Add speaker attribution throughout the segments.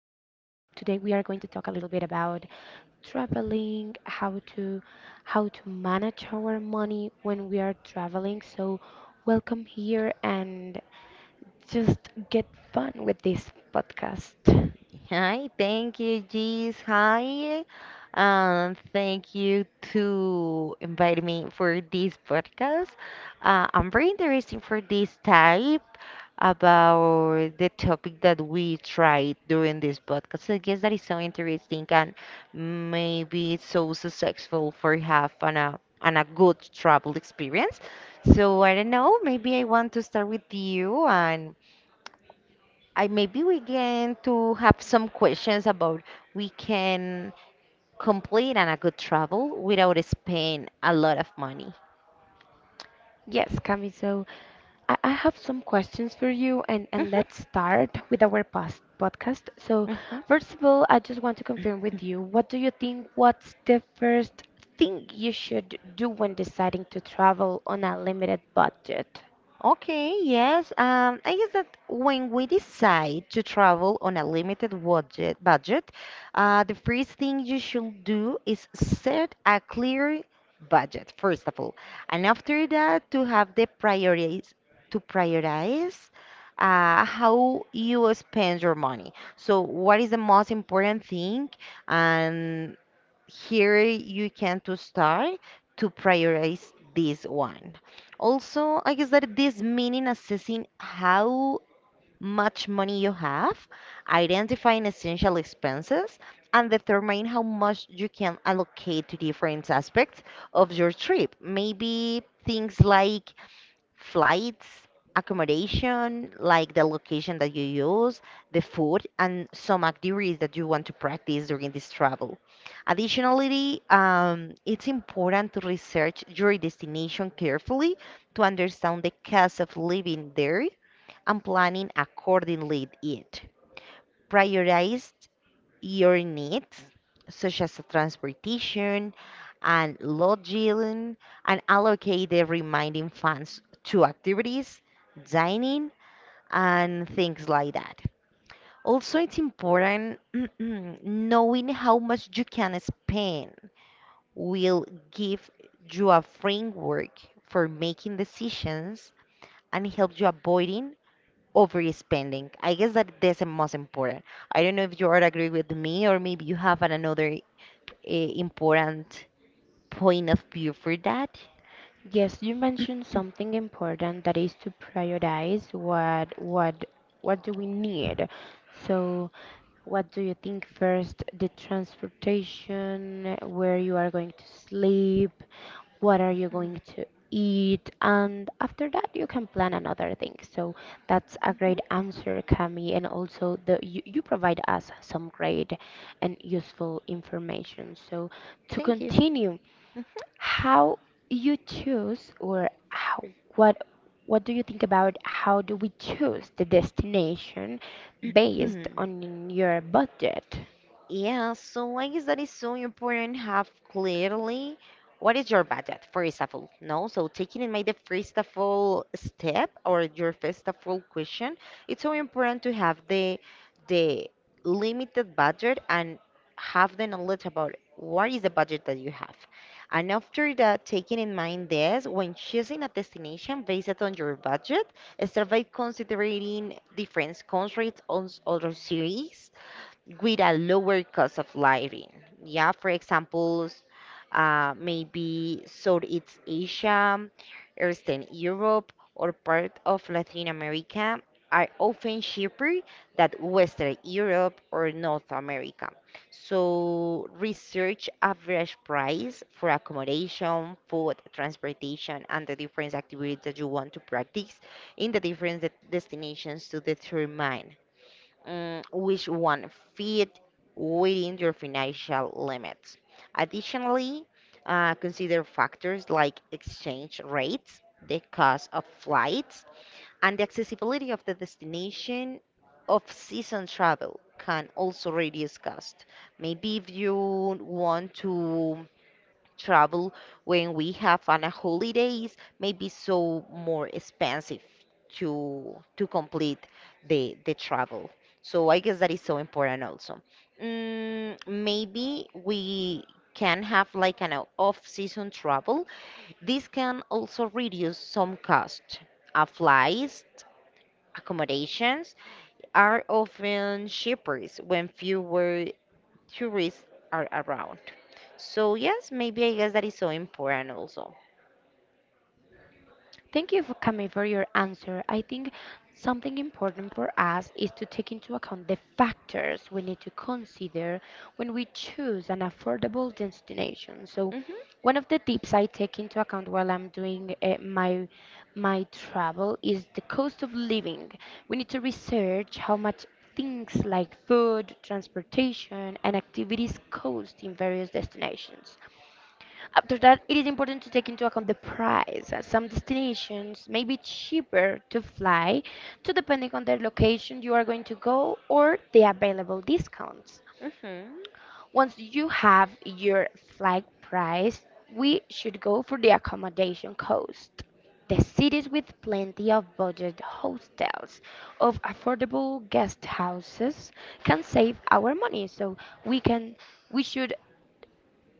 Speaker 1: Today we are going to talk a little bit about traveling, how to manage our money when we are traveling. So, welcome here and just get fun with this podcast.
Speaker 2: Hi, thank you, Jeez. Hi, thank you to invite me for this podcast. I'm very interested for this type about the topic that we tried during this podcast. I guess that is so interesting and maybe it's so successful for have an a and a good travel experience. So I don't know, maybe I want to start with you and I maybe we can to have some questions about we can complete and a good travel without spend a lot of money.
Speaker 1: Yes, Cami, so I have some questions for you and
Speaker 2: hmm
Speaker 1: let's start with our past podcast. So
Speaker 2: hmm
Speaker 1: first of all, I just want to confirm with you, what do you think, what's the first thing you should do when deciding to travel on a limited budget?
Speaker 2: Okay, yes. I guess that when we decide to travel on a limited budget, the first thing you should do is set a clear budget, first of all, and after that to have the priorities to prioritize how you spend your money. So, what is the most important thing, and here you can to start to prioritize this one. Also, I guess that this meaning assessing how much money you have, identifying essential expenses, and determine how much you can allocate to different aspects of your trip. Maybe things like flights, accommodation, like the location that you use, the food, and some activities that you want to practice during this travel. Additionally, it's important to research your destination carefully to understand the cost of living there and planning accordingly it. Prioritize your needs, such as transportation and lodging, and allocate the remaining funds to activities, dining, and things like that. Also, it's important knowing how much you can spend will give you a framework for making decisions and help you avoiding overspending. I guess that that's the most important. I don't know if you are agree with me or maybe you have an- another important point of view for that.
Speaker 1: Yes, you mentioned something important that is to prioritize what do we need. So, what do you think first? The transportation, where you are going to sleep, what are you going to eat, and after that you can plan another thing, so that's a
Speaker 2: Mhm.
Speaker 1: great answer, Cami. And also the you provide us some great and useful information. So to
Speaker 2: Thank you.
Speaker 1: continue how you choose, or how, what what do you think about how do we choose the destination based
Speaker 2: Mhm.
Speaker 1: on your budget?
Speaker 2: Yeah, so why is that is so important have clearly what is your budget, first of all? No, so taking in mind the first of all step or your first of all question, it's so important to have the limited budget and have the knowledge about what is the budget that you have. And after that, taking in mind this, when choosing a destination based on your budget, start by considering different countries or other cities with a lower cost of living. Yeah, for examples, maybe Southeast Asia, Eastern Europe, or part of Latin America are often cheaper than Western Europe or North America. So research average price for accommodation, food, transportation, and the different activities that you want to practice in the different de- destinations to determine which one fit within your financial limits. Additionally, consider factors like exchange rates, the cost of flights, and the accessibility of the destination of season travel can also reduce cost. Maybe if you want to travel when we have on a holidays may be so more expensive to complete the travel. So I guess that is so important also. Maybe we can have like an off-season travel. This can also reduce some cost. Flights, accommodations are often cheaper when fewer tourists are around. So yes, maybe I guess that is so important also.
Speaker 1: Thank you for coming for your answer. I think something important for us is to take into account the factors we need to consider when we choose an affordable destination. So,
Speaker 2: Mhm.
Speaker 1: one of the tips I take into account while I'm doing my travel is the cost of living. We need to research how much things like food, transportation, and activities cost in various destinations. After that, it is important to take into account the price. As Some destinations may be cheaper to fly, to depending on the location you are going to go or the available discounts.
Speaker 2: Mhm.
Speaker 1: Once you have your flight price, we should go for the accommodation cost. The cities with plenty of budget hostels of affordable guest houses can save our money, so we can we should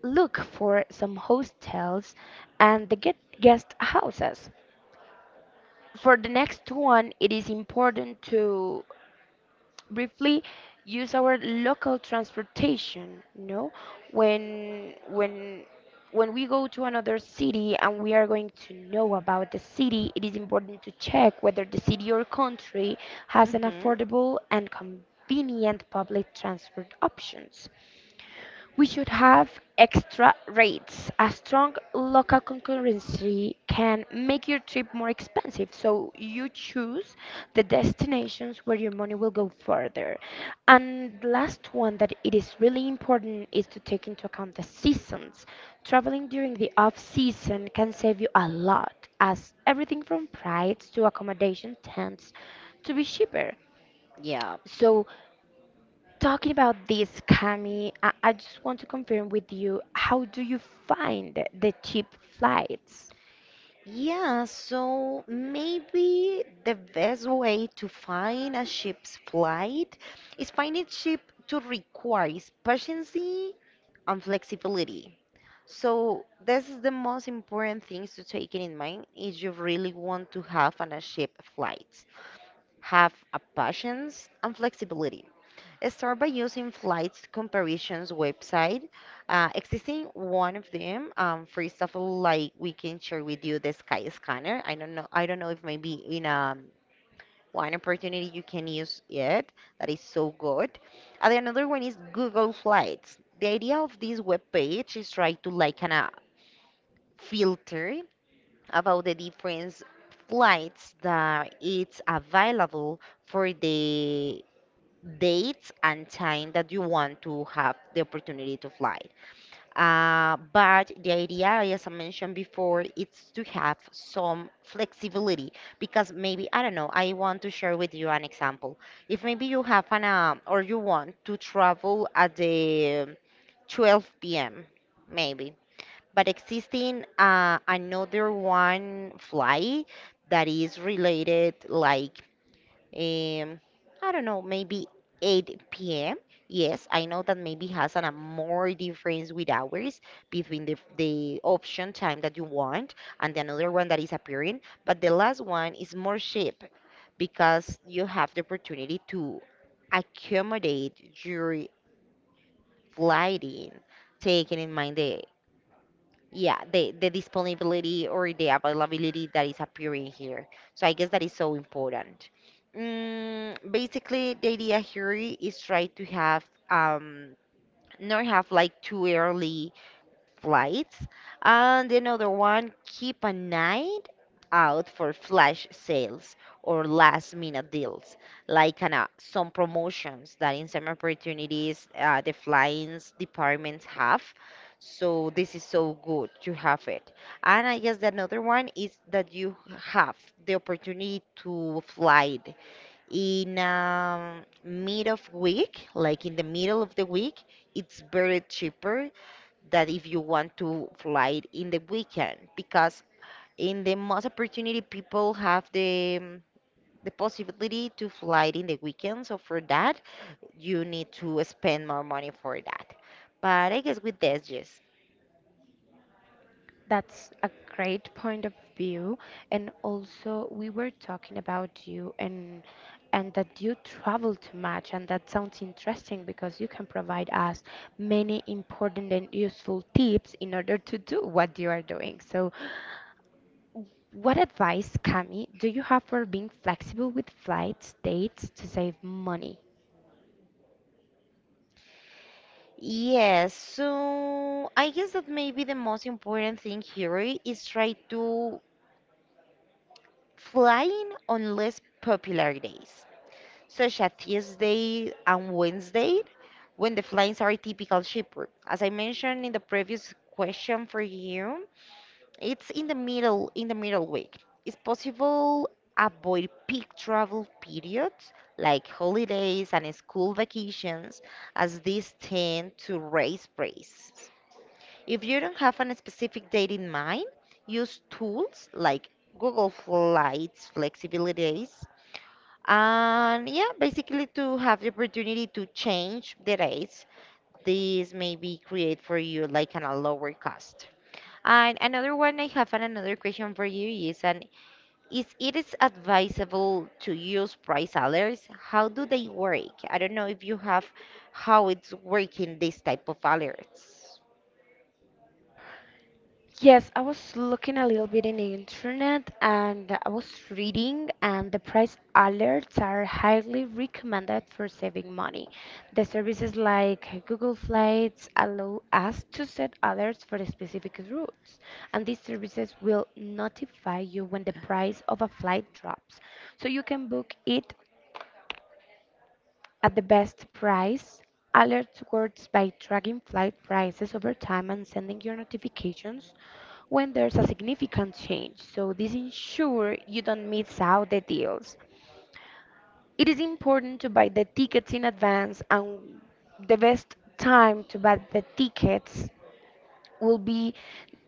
Speaker 1: look for some hostels and the get guest houses. For the next one, it is important to briefly use our local transportation, no? When when when we go to another city and we are going to know about the city, it is important to check whether the city or country has an
Speaker 2: Mhm.
Speaker 1: affordable and convenient public transport options. We should have extra rates. A strong local concurrency can make your trip more expensive, so you choose the destinations where your money will go further. And the last one that it is really important is to take into account the seasons. Traveling during the off season can save you a lot, as everything from flights to accommodation tends to be cheaper.
Speaker 2: Yeah.
Speaker 1: So talking about this, Cami, I just want to confirm with you, how do you find the cheap flights?
Speaker 2: Yeah, so maybe the best way to find a ship's flight is finding ship to requires patience and flexibility. So this is the most important things to take in mind if you really want to have an a ship flight. Have a patience and flexibility. Start by using flights comparisons website. Existing one of them. For example, like we can share with you the Sky Scanner. I don't know. I don't know if maybe in a one opportunity you can use it. That is so good. And then another one is Google Flights. The idea of this web page is try to like kind of filter about the different flights that it's available for the dates and time that you want to have the opportunity to fly. But the idea, as I mentioned before, it's to have some flexibility because maybe, I don't know, I want to share with you an example. If maybe you have or you want to travel at the 12 p.m., maybe, but existing another one flight that is related like um, I don't know, maybe 8 p.m. Yes, I know that maybe has an, a more difference with hours between the option time that you want and the another one that is appearing, but the last one is more cheap because you have the opportunity to accommodate your flighting, taking in mind the yeah, the disponibility or the availability that is appearing here. So I guess that is so important. Basically, the idea here is try to have not have like too early flights. And another one, keep an eye out for flash sales or last minute deals, like kinda some promotions that in some opportunities the flying departments have. So this is so good to have it. And I guess the another one is that you have the opportunity to fly in mid of week, like in the middle of the week. It's very cheaper that if you want to fly it in the weekend because in the most opportunity people have the possibility to fly it in the weekend so for that you need to spend more money for that but I guess with this yes
Speaker 1: That's a great point of view. And also, we were talking about you and that you travel too much, and that sounds interesting because you can provide us many important and useful tips in order to do what you are doing. So, what advice, Cami, do you have for being flexible with flights, dates to save money?
Speaker 2: yes so I guess that maybe the most important thing here I- is try to flying on less popular days such as Tuesday and Wednesday, when the flights are typical cheaper. As I mentioned in the previous question for you, it's in the middle week. It's possible avoid peak travel periods like holidays and school vacations as these tend to raise prices. If you don't have a specific date in mind, use tools like Google Flights Flexibilities and yeah, basically to have the opportunity to change the rates, this maybe create for you like an, a lower cost. And another one I have and another question for you is and is it is advisable to use price alerts? How do they work? I don't know if you have how it's working this type of alerts.
Speaker 1: Yes, I was looking a little bit in the internet and I was reading, and the price alerts are highly recommended for saving money. The services like Google Flights allow us to set alerts for specific routes, and these services will notify you when the price of a flight drops. So you can book it at the best price. Alerts works by tracking flight prices over time and sending your notifications when there's a significant change, so this ensures you don't miss out the deals. It is important to buy the tickets in advance, and the best time to buy the tickets will be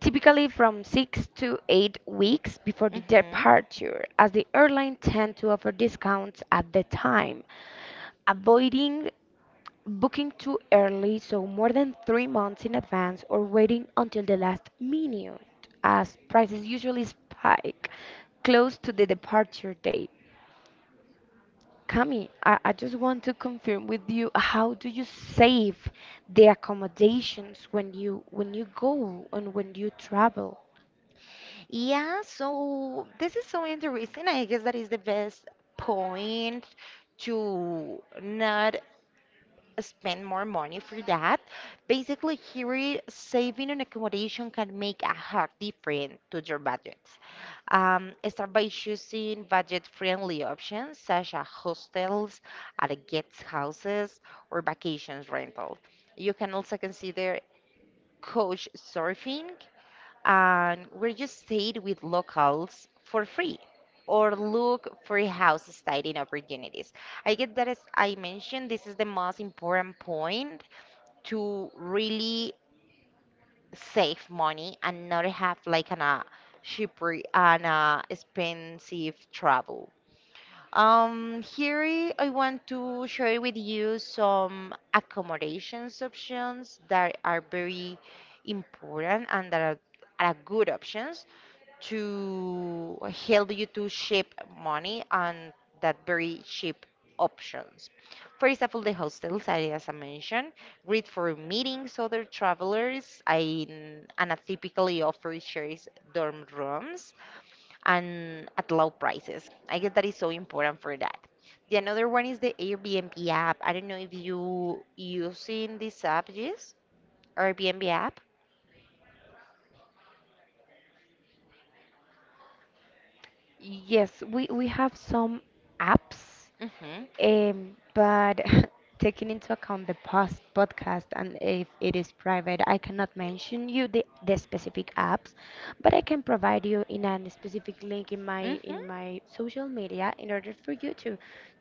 Speaker 1: typically from 6 to 8 weeks before the
Speaker 2: Hmm.
Speaker 1: departure, as the airline tend to offer discounts at the time, avoiding booking too early, so more than 3 months in advance, or waiting until the last minute, as prices usually spike close to the departure date. Cami, I just want to confirm with you, how do you save the accommodations when you go and when you travel?
Speaker 2: Yeah, so this is so interesting. I guess that is the best point to not spend more money for that. Basically, here, saving on accommodation can make a hard difference to your budget. Start by choosing budget-friendly options such as hostels, at guest houses, or vacations rental. You can also consider coach surfing, and where you stayed with locals for free or look for house styling opportunities. I get that as I mentioned, this is the most important point to really save money and not have like an cheaper and expensive travel. Here I want to share with you some accommodations options that are very important and that are good options to help you to ship money and that very cheap options. For example, the hostels, I- as I mentioned, great for meetings other travelers and typically offer shares dorm rooms and at low prices. I guess that is so important for that. The another one is the Airbnb app. I don't know if you using this app, yes? Airbnb app?
Speaker 1: Yes, we have some apps.
Speaker 2: Mm-hmm.
Speaker 1: But taking into account the past podcast and if it is private, I cannot mention you the specific apps, but I can provide you in a specific link in my
Speaker 2: Mm-hmm.
Speaker 1: in my social media in order for you to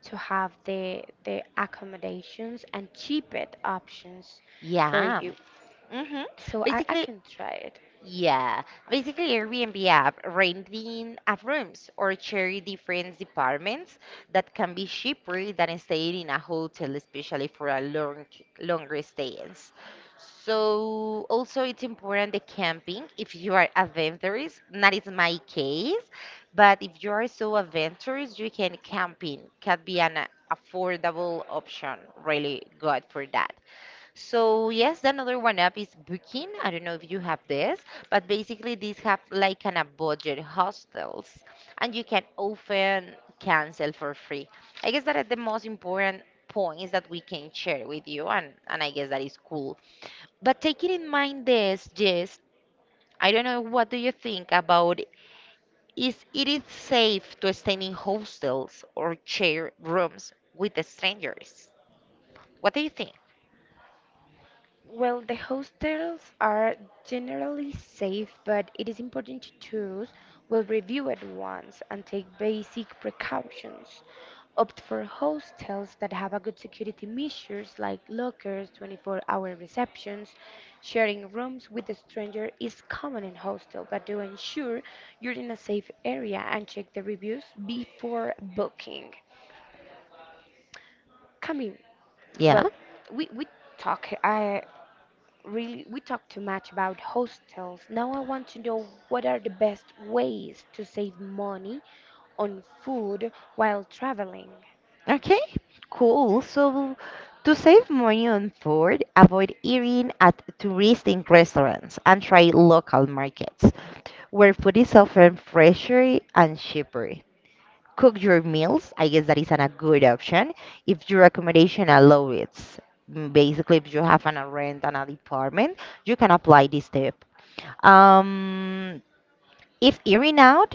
Speaker 1: have the accommodations and cheapest options for
Speaker 2: Yeah.
Speaker 1: you.
Speaker 2: Mm-hmm.
Speaker 1: So I
Speaker 2: Basically,
Speaker 1: can try it.
Speaker 2: yeah, basically Airbnb app renting of rooms or sharing different departments that can be cheaper than staying in a hotel, especially for a long longer stays. So also it's important the camping if you are adventurous. That is my case, but if you are so adventurous, you can camping can be an affordable option. Really good for that. So yes, the another one app is Booking. I don't know if you have this, but basically these have like an a budget hostels, and you can often cancel for free. I guess that are the most important points that we can share with you, and I guess that is cool. But taking in mind this, Jess, I don't know what do you think about is it is safe to stay in hostels or share rooms with strangers? What do you think?
Speaker 1: Well, the hostels are generally safe, but it is important to choose. Well, review at once and take basic precautions. Opt for hostels that have a good security measures like lockers, 24-hour receptions. Sharing rooms with a stranger is common in hostel, but do ensure you're in a safe area and check the reviews before booking. Coming,
Speaker 2: Yeah.
Speaker 1: well, we talk. I really we talked too much about hostels. Now I want to know what are the best ways to save money on food while traveling.
Speaker 2: Okay, cool. So, to save money on food, avoid eating at touristic restaurants and try local markets where food is often fresher and cheaper. Cook your meals. I guess that is an- a good option if your accommodation allows it. Basically, if you have an a rent and a department, you can apply this tip. Um, if hearing out,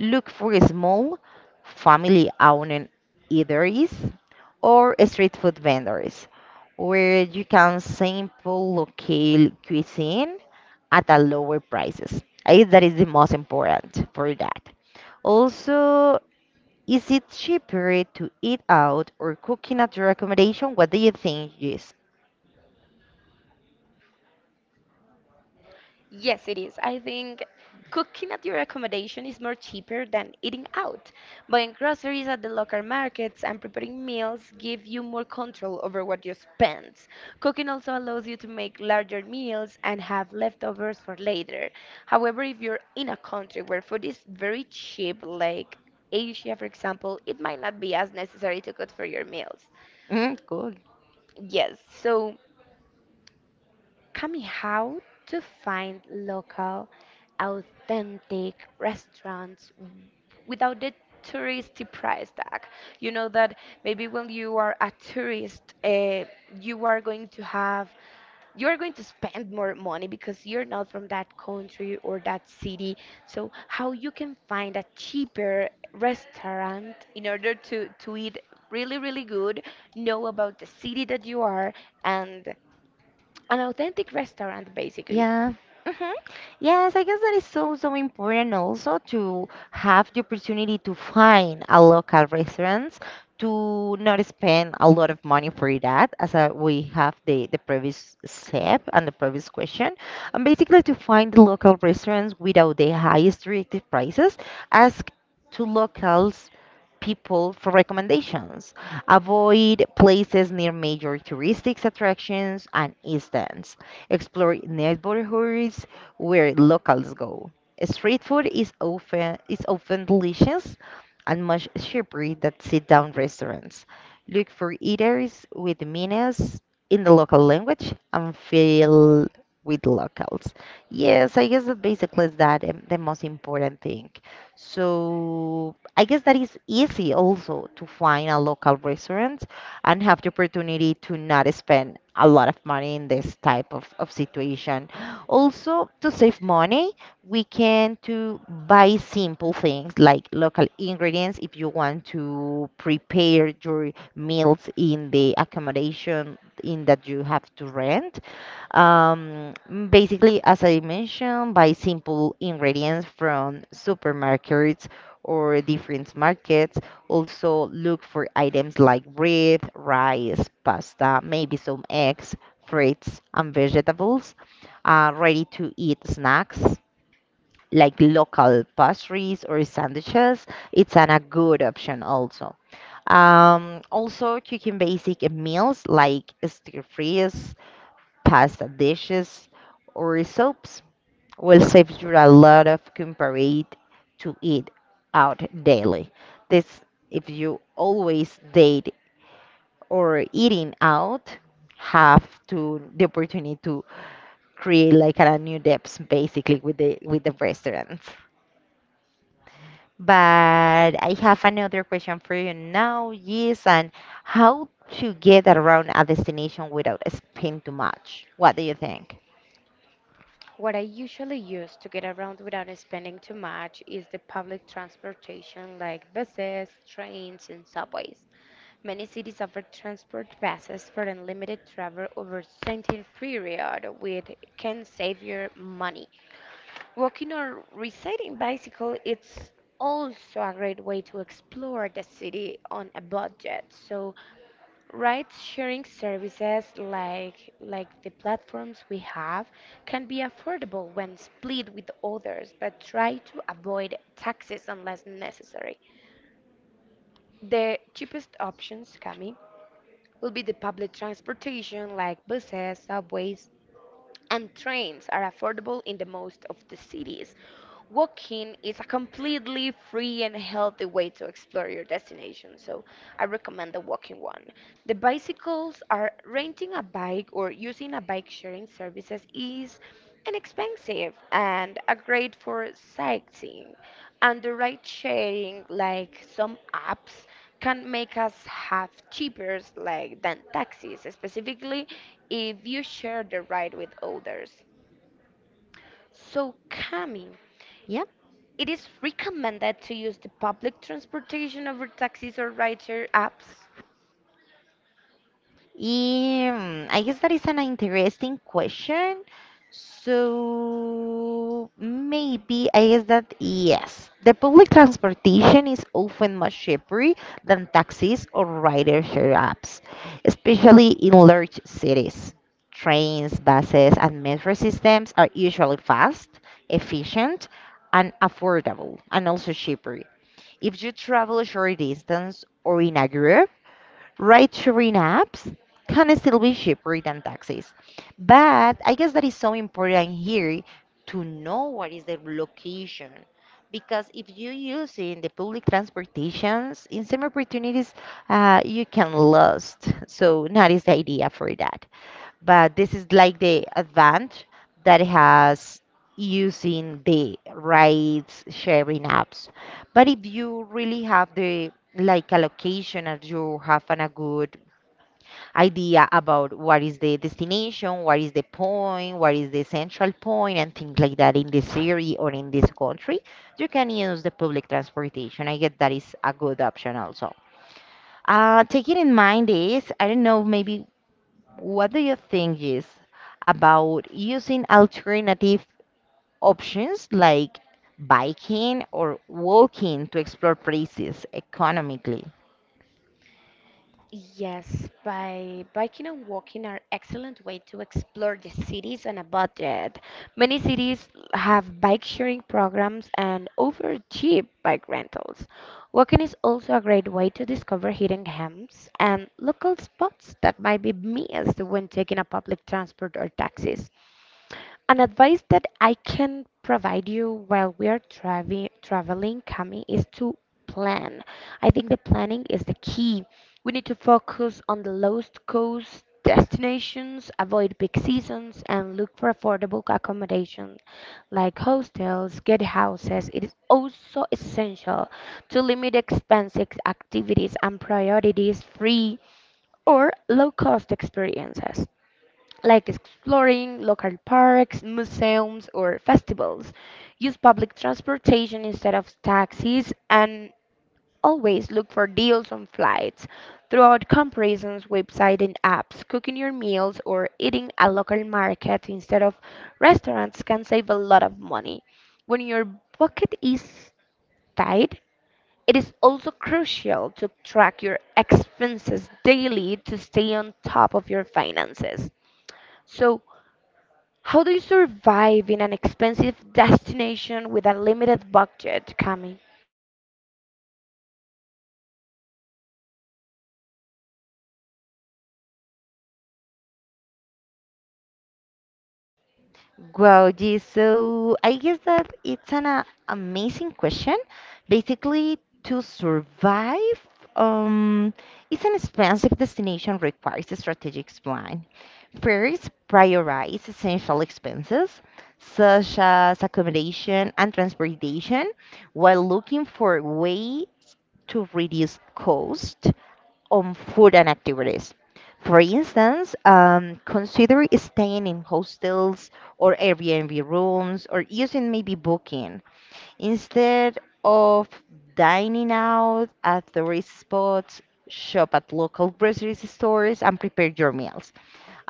Speaker 2: look for small, family owned eateries or street food vendors where you can sample local cuisine at a lower prices. I think that is the most important for that. Also, is it cheaper to eat out or cooking at your accommodation? What do you think, Jess?
Speaker 1: Yes, it is. I think cooking at your accommodation is more cheaper than eating out. Buying groceries at the local markets and preparing meals give you more control over what you spend. Cooking also allows you to make larger meals and have leftovers for later. However, if you're in a country where food is very cheap, like Asia, for example, it might not be as necessary to cook for your meals.
Speaker 2: Mm, cool.
Speaker 1: Yes, so coming how to find local authentic restaurants without the touristy price tag. You know that maybe when you are a tourist, you are going to have you are going to spend more money because you're not from that country or that city. So how you can find a cheaper restaurant in order to eat really good, know about the city that you are, and an authentic restaurant basically.
Speaker 2: Yeah. hmm Yes, I guess that is so, so important also to have the opportunity to find a local restaurants, to not spend a lot of money for that, as we have the previous step and the previous question, and basically to find the local restaurants without the highest reactive prices, ask to locals people for recommendations. Avoid places near major touristic attractions and instance. Explore neighborhoods where locals go. Street food is often delicious and much cheaper than sit-down restaurants. Look for eaters with menus in the local language and fill with locals. Yes, I guess that basically is that the most important thing. So I guess that is easy also to find a local restaurant and have the opportunity to not spend a lot of money in this type of situation. Also, to save money, we can to buy simple things like local ingredients if you want to prepare your meals in the accommodation in that you have to rent um, basically, as I mentioned, buy simple ingredients from supermarkets or different markets. Also, look for items like bread, rice, pasta, maybe some eggs, fruits, and vegetables. Ready to eat snacks like local pastries or sandwiches. It's an, a good option also. Also, cooking basic meals like stir fries, pasta dishes or soaps will save you a lot of comparate to eat out daily. This if you always date or eating out have to the opportunity to create like a new depths basically with the restaurants. But I have another question for you now. Yes, and how to get around a destination without spending too much? What do you think?
Speaker 1: What I usually use to get around without spending too much is the public transportation like buses, trains, and subways. Many cities offer transport passes for unlimited travel over a certain period, which can save your money. Walking or riding bicycle it's also a great way to explore the city on a budget. So ride-sharing services like the platforms we have can be affordable when split with others, but try to avoid taxes unless necessary. The cheapest options coming will be the public transportation like buses, subways, and trains are affordable in the most of the cities. Walking is a completely free and healthy way to explore your destination, so I recommend the walking one. The bicycles are renting a bike or using a bike sharing services is inexpensive and are great for sightseeing. And the ride sharing, like some apps, can make us have cheaper like than taxis, specifically if you share the ride with others. So, Cami, it is recommended to use the public transportation over taxis or rideshare apps.
Speaker 2: I guess that is an interesting question. So maybe I guess that yes, the public transportation is often much cheaper than taxis or rider share apps, especially in large cities. Trains, buses, and metro systems are usually fast, efficient, and affordable, and also cheaper. If you travel a short distance or in a group, ride-sharing apps can still be cheaper than taxis. But I guess that is so important here to know what is the location. Because if you use in the public transportations, in some opportunities, you can lost. So that is the idea for that but this is like the advantage that it has using the rides sharing apps. But if you really have the like allocation and you have an, a good idea about what is the destination, what is the point, what is the central point, and things like that in this area or in this country, you can use the public transportation. I get that is a good option also. Taking in mind this, I don't know, maybe what do you think is about using alternative options like biking or walking to explore places economically?
Speaker 1: Yes, by biking and walking are excellent way to explore the cities on a budget. Many cities have bike sharing programs and offer cheap bike rentals. Walking is also a great way to discover hidden gems and local spots that might be missed when taking a public transport or taxis. An advice that I can provide you while we are traveling, Cami, is to plan. I think the planning is the key. We need to focus on the lowest cost destinations, avoid peak seasons, and look for affordable accommodation like hostels, guest houses. It is also essential to limit expensive activities and priorities free or low cost experiences like exploring local parks, museums, or festivals. Use public transportation instead of taxis and always look for deals on flights. Throw out comparisons, websites, and apps. Cooking your meals or eating at local market instead of restaurants can save a lot of money. When your bucket is tight, it is also crucial to track your expenses daily to stay on top of your finances. So, how do you survive in an expensive destination with a limited budget, Cami?
Speaker 2: Wow, gee, so I guess that it's an amazing question. Basically, to survive, um, it's an expensive destination requires a strategic plan. First, prioritize essential expenses such as accommodation and transportation while looking for a way to reduce cost on food and activities. For instance, consider staying in hostels or Airbnb rooms or using maybe booking instead of dining out at tourist spots. Shop at local grocery stores and prepare your meals.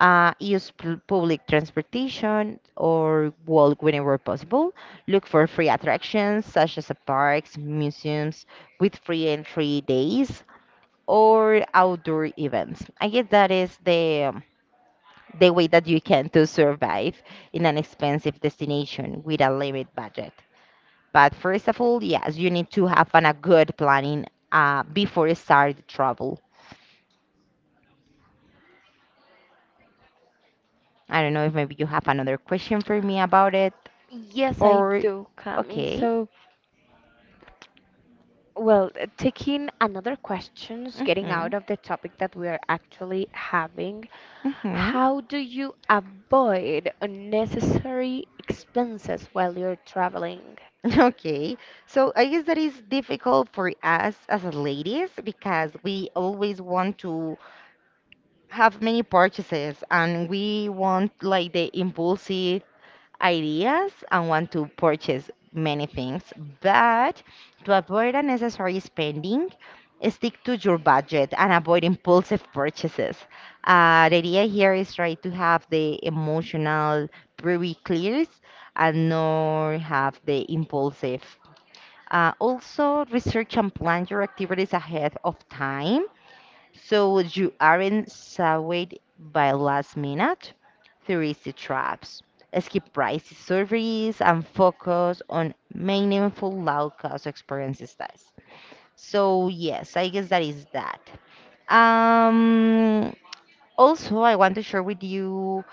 Speaker 2: Use public transportation or walk whenever possible. Look for free attractions such as parks, museums with free entry days or outdoor events. I guess that is the the way that you can to survive in an expensive destination with a limited budget. But first of all, yes, you need to have an, a good planning before you start the travel. I don't know if maybe you have another question for me about it
Speaker 1: Yes, I
Speaker 2: or
Speaker 1: do, Cami.
Speaker 2: okay.
Speaker 1: So, well, taking another questions, getting
Speaker 2: Mm-hmm.
Speaker 1: out of the topic that we are actually having,
Speaker 2: Mm-hmm.
Speaker 1: how do you avoid unnecessary expenses while you're traveling?
Speaker 2: Okay, so I guess that is difficult for us as ladies because we always want to have many purchases and we want like the impulsive ideas and want to purchase many things. But to avoid unnecessary spending, stick to your budget and avoid impulsive purchases. The idea here is try to have the emotional very clear and not have the impulsive. Also, research and plan your activities ahead of time so you aren't saved by last minute touristy traps. Skip pricey surveys and focus on meaningful low cost experiences. That's. So yes, I guess that is that. Um, Also, I want to share with you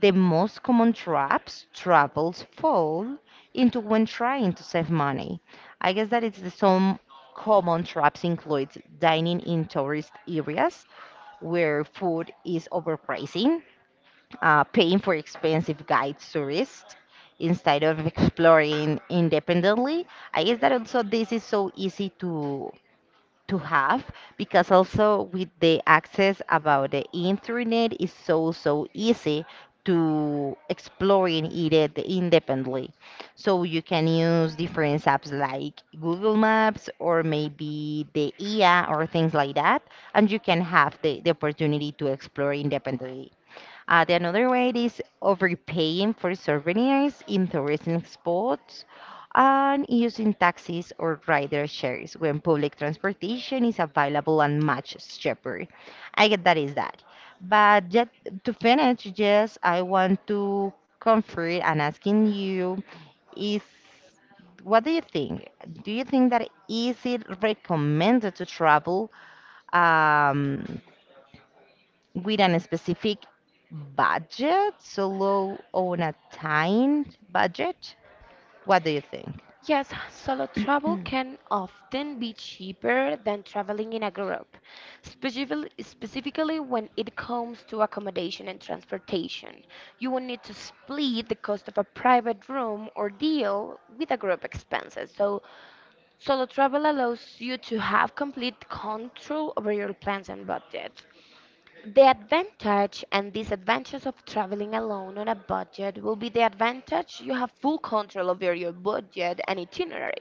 Speaker 2: the most common traps travelers fall into when trying to save money. I guess that is the some common traps includes dining in tourist areas where food is overpricing, paying for expensive guide tourists instead of exploring independently. I guess that also this is so easy to have because also with the access about the internet is so so easy to exploring it independently so you can use different apps like google maps or maybe the ia or things like that and you can have the opportunity to explore independently the another way is overpaying for souvenirs in tourism spots and using taxis or rider shares when public transportation is available and much cheaper. I get that is that. But yet, to finish, yes, I want to comfort and asking you is what do you think? Do you think that is it recommended to travel? Um, with a specific budget, so low on a timed budget. What do you think?
Speaker 1: Yes, solo travel can often be cheaper than traveling in a group, specifically when it comes to accommodation and transportation. You will need to split the cost of a private room or deal with a group expenses. So, solo travel allows you to have complete control over your plans and budget. The advantage and disadvantage of traveling alone on a budget will be the advantage you have full control over your budget and itinerary.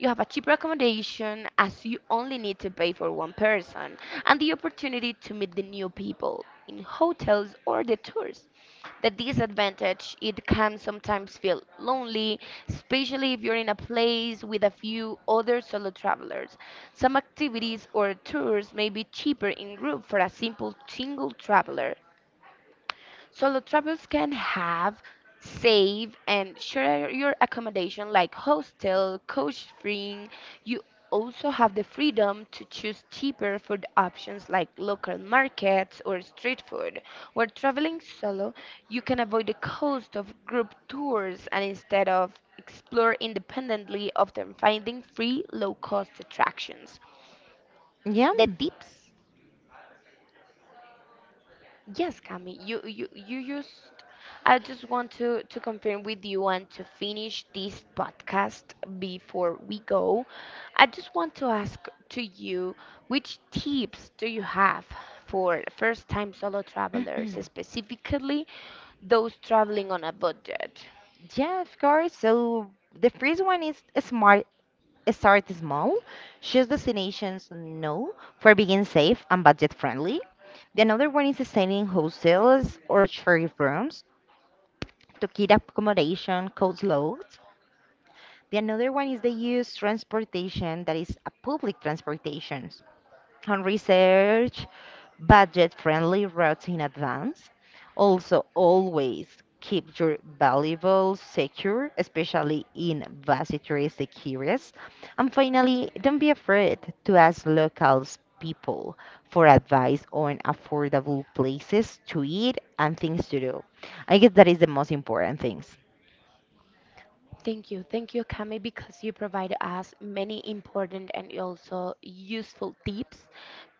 Speaker 1: You have a cheaper accommodation as you only need to pay for one person and the opportunity to meet the new people in hotels or the tours the disadvantage it can sometimes feel lonely, especially if you're in a place with a few other solo travelers. Some activities or tours may be cheaper in group for a simple single traveler, solo travelers can have, save, and share your accommodation like hostel, coach freeing. You also have the freedom to choose cheaper food options like local markets or street food. While traveling solo, you can avoid the cost of group tours and instead of explore independently, often finding free low-cost attractions.
Speaker 2: Yeah.
Speaker 1: The tips yes, Cami, you just I just want to confirm with you and to finish this podcast before we go. I just want to ask to you which tips do you have for first-time solo travelers, specifically those traveling on a budget?
Speaker 2: Yeah, of course. So the first one is smart. Start small, choose destinations no for being safe and budget friendly. The another one is staying in hostels or shared rooms to keep accommodation costs low. The another one is they use transportation that is a public transportation. And research budget-friendly routes in advance. Also, always keep your valuables secure, especially in busy touristic areas. And finally, don't be afraid to ask locals people for advice on affordable places to eat and things to do. I guess that is the most important things.
Speaker 1: Thank you. Thank you, Kami, because you provide us many important and also useful tips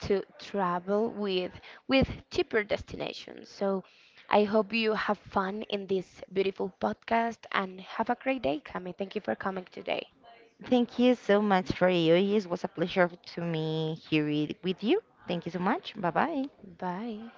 Speaker 1: to travel with cheaper destinations. So I hope you have fun in this beautiful podcast and have a great day, Kami. Thank you for coming today.
Speaker 2: Thank you so much for you. It was a pleasure to me here with you. Thank you so much. Bye bye.
Speaker 1: Bye.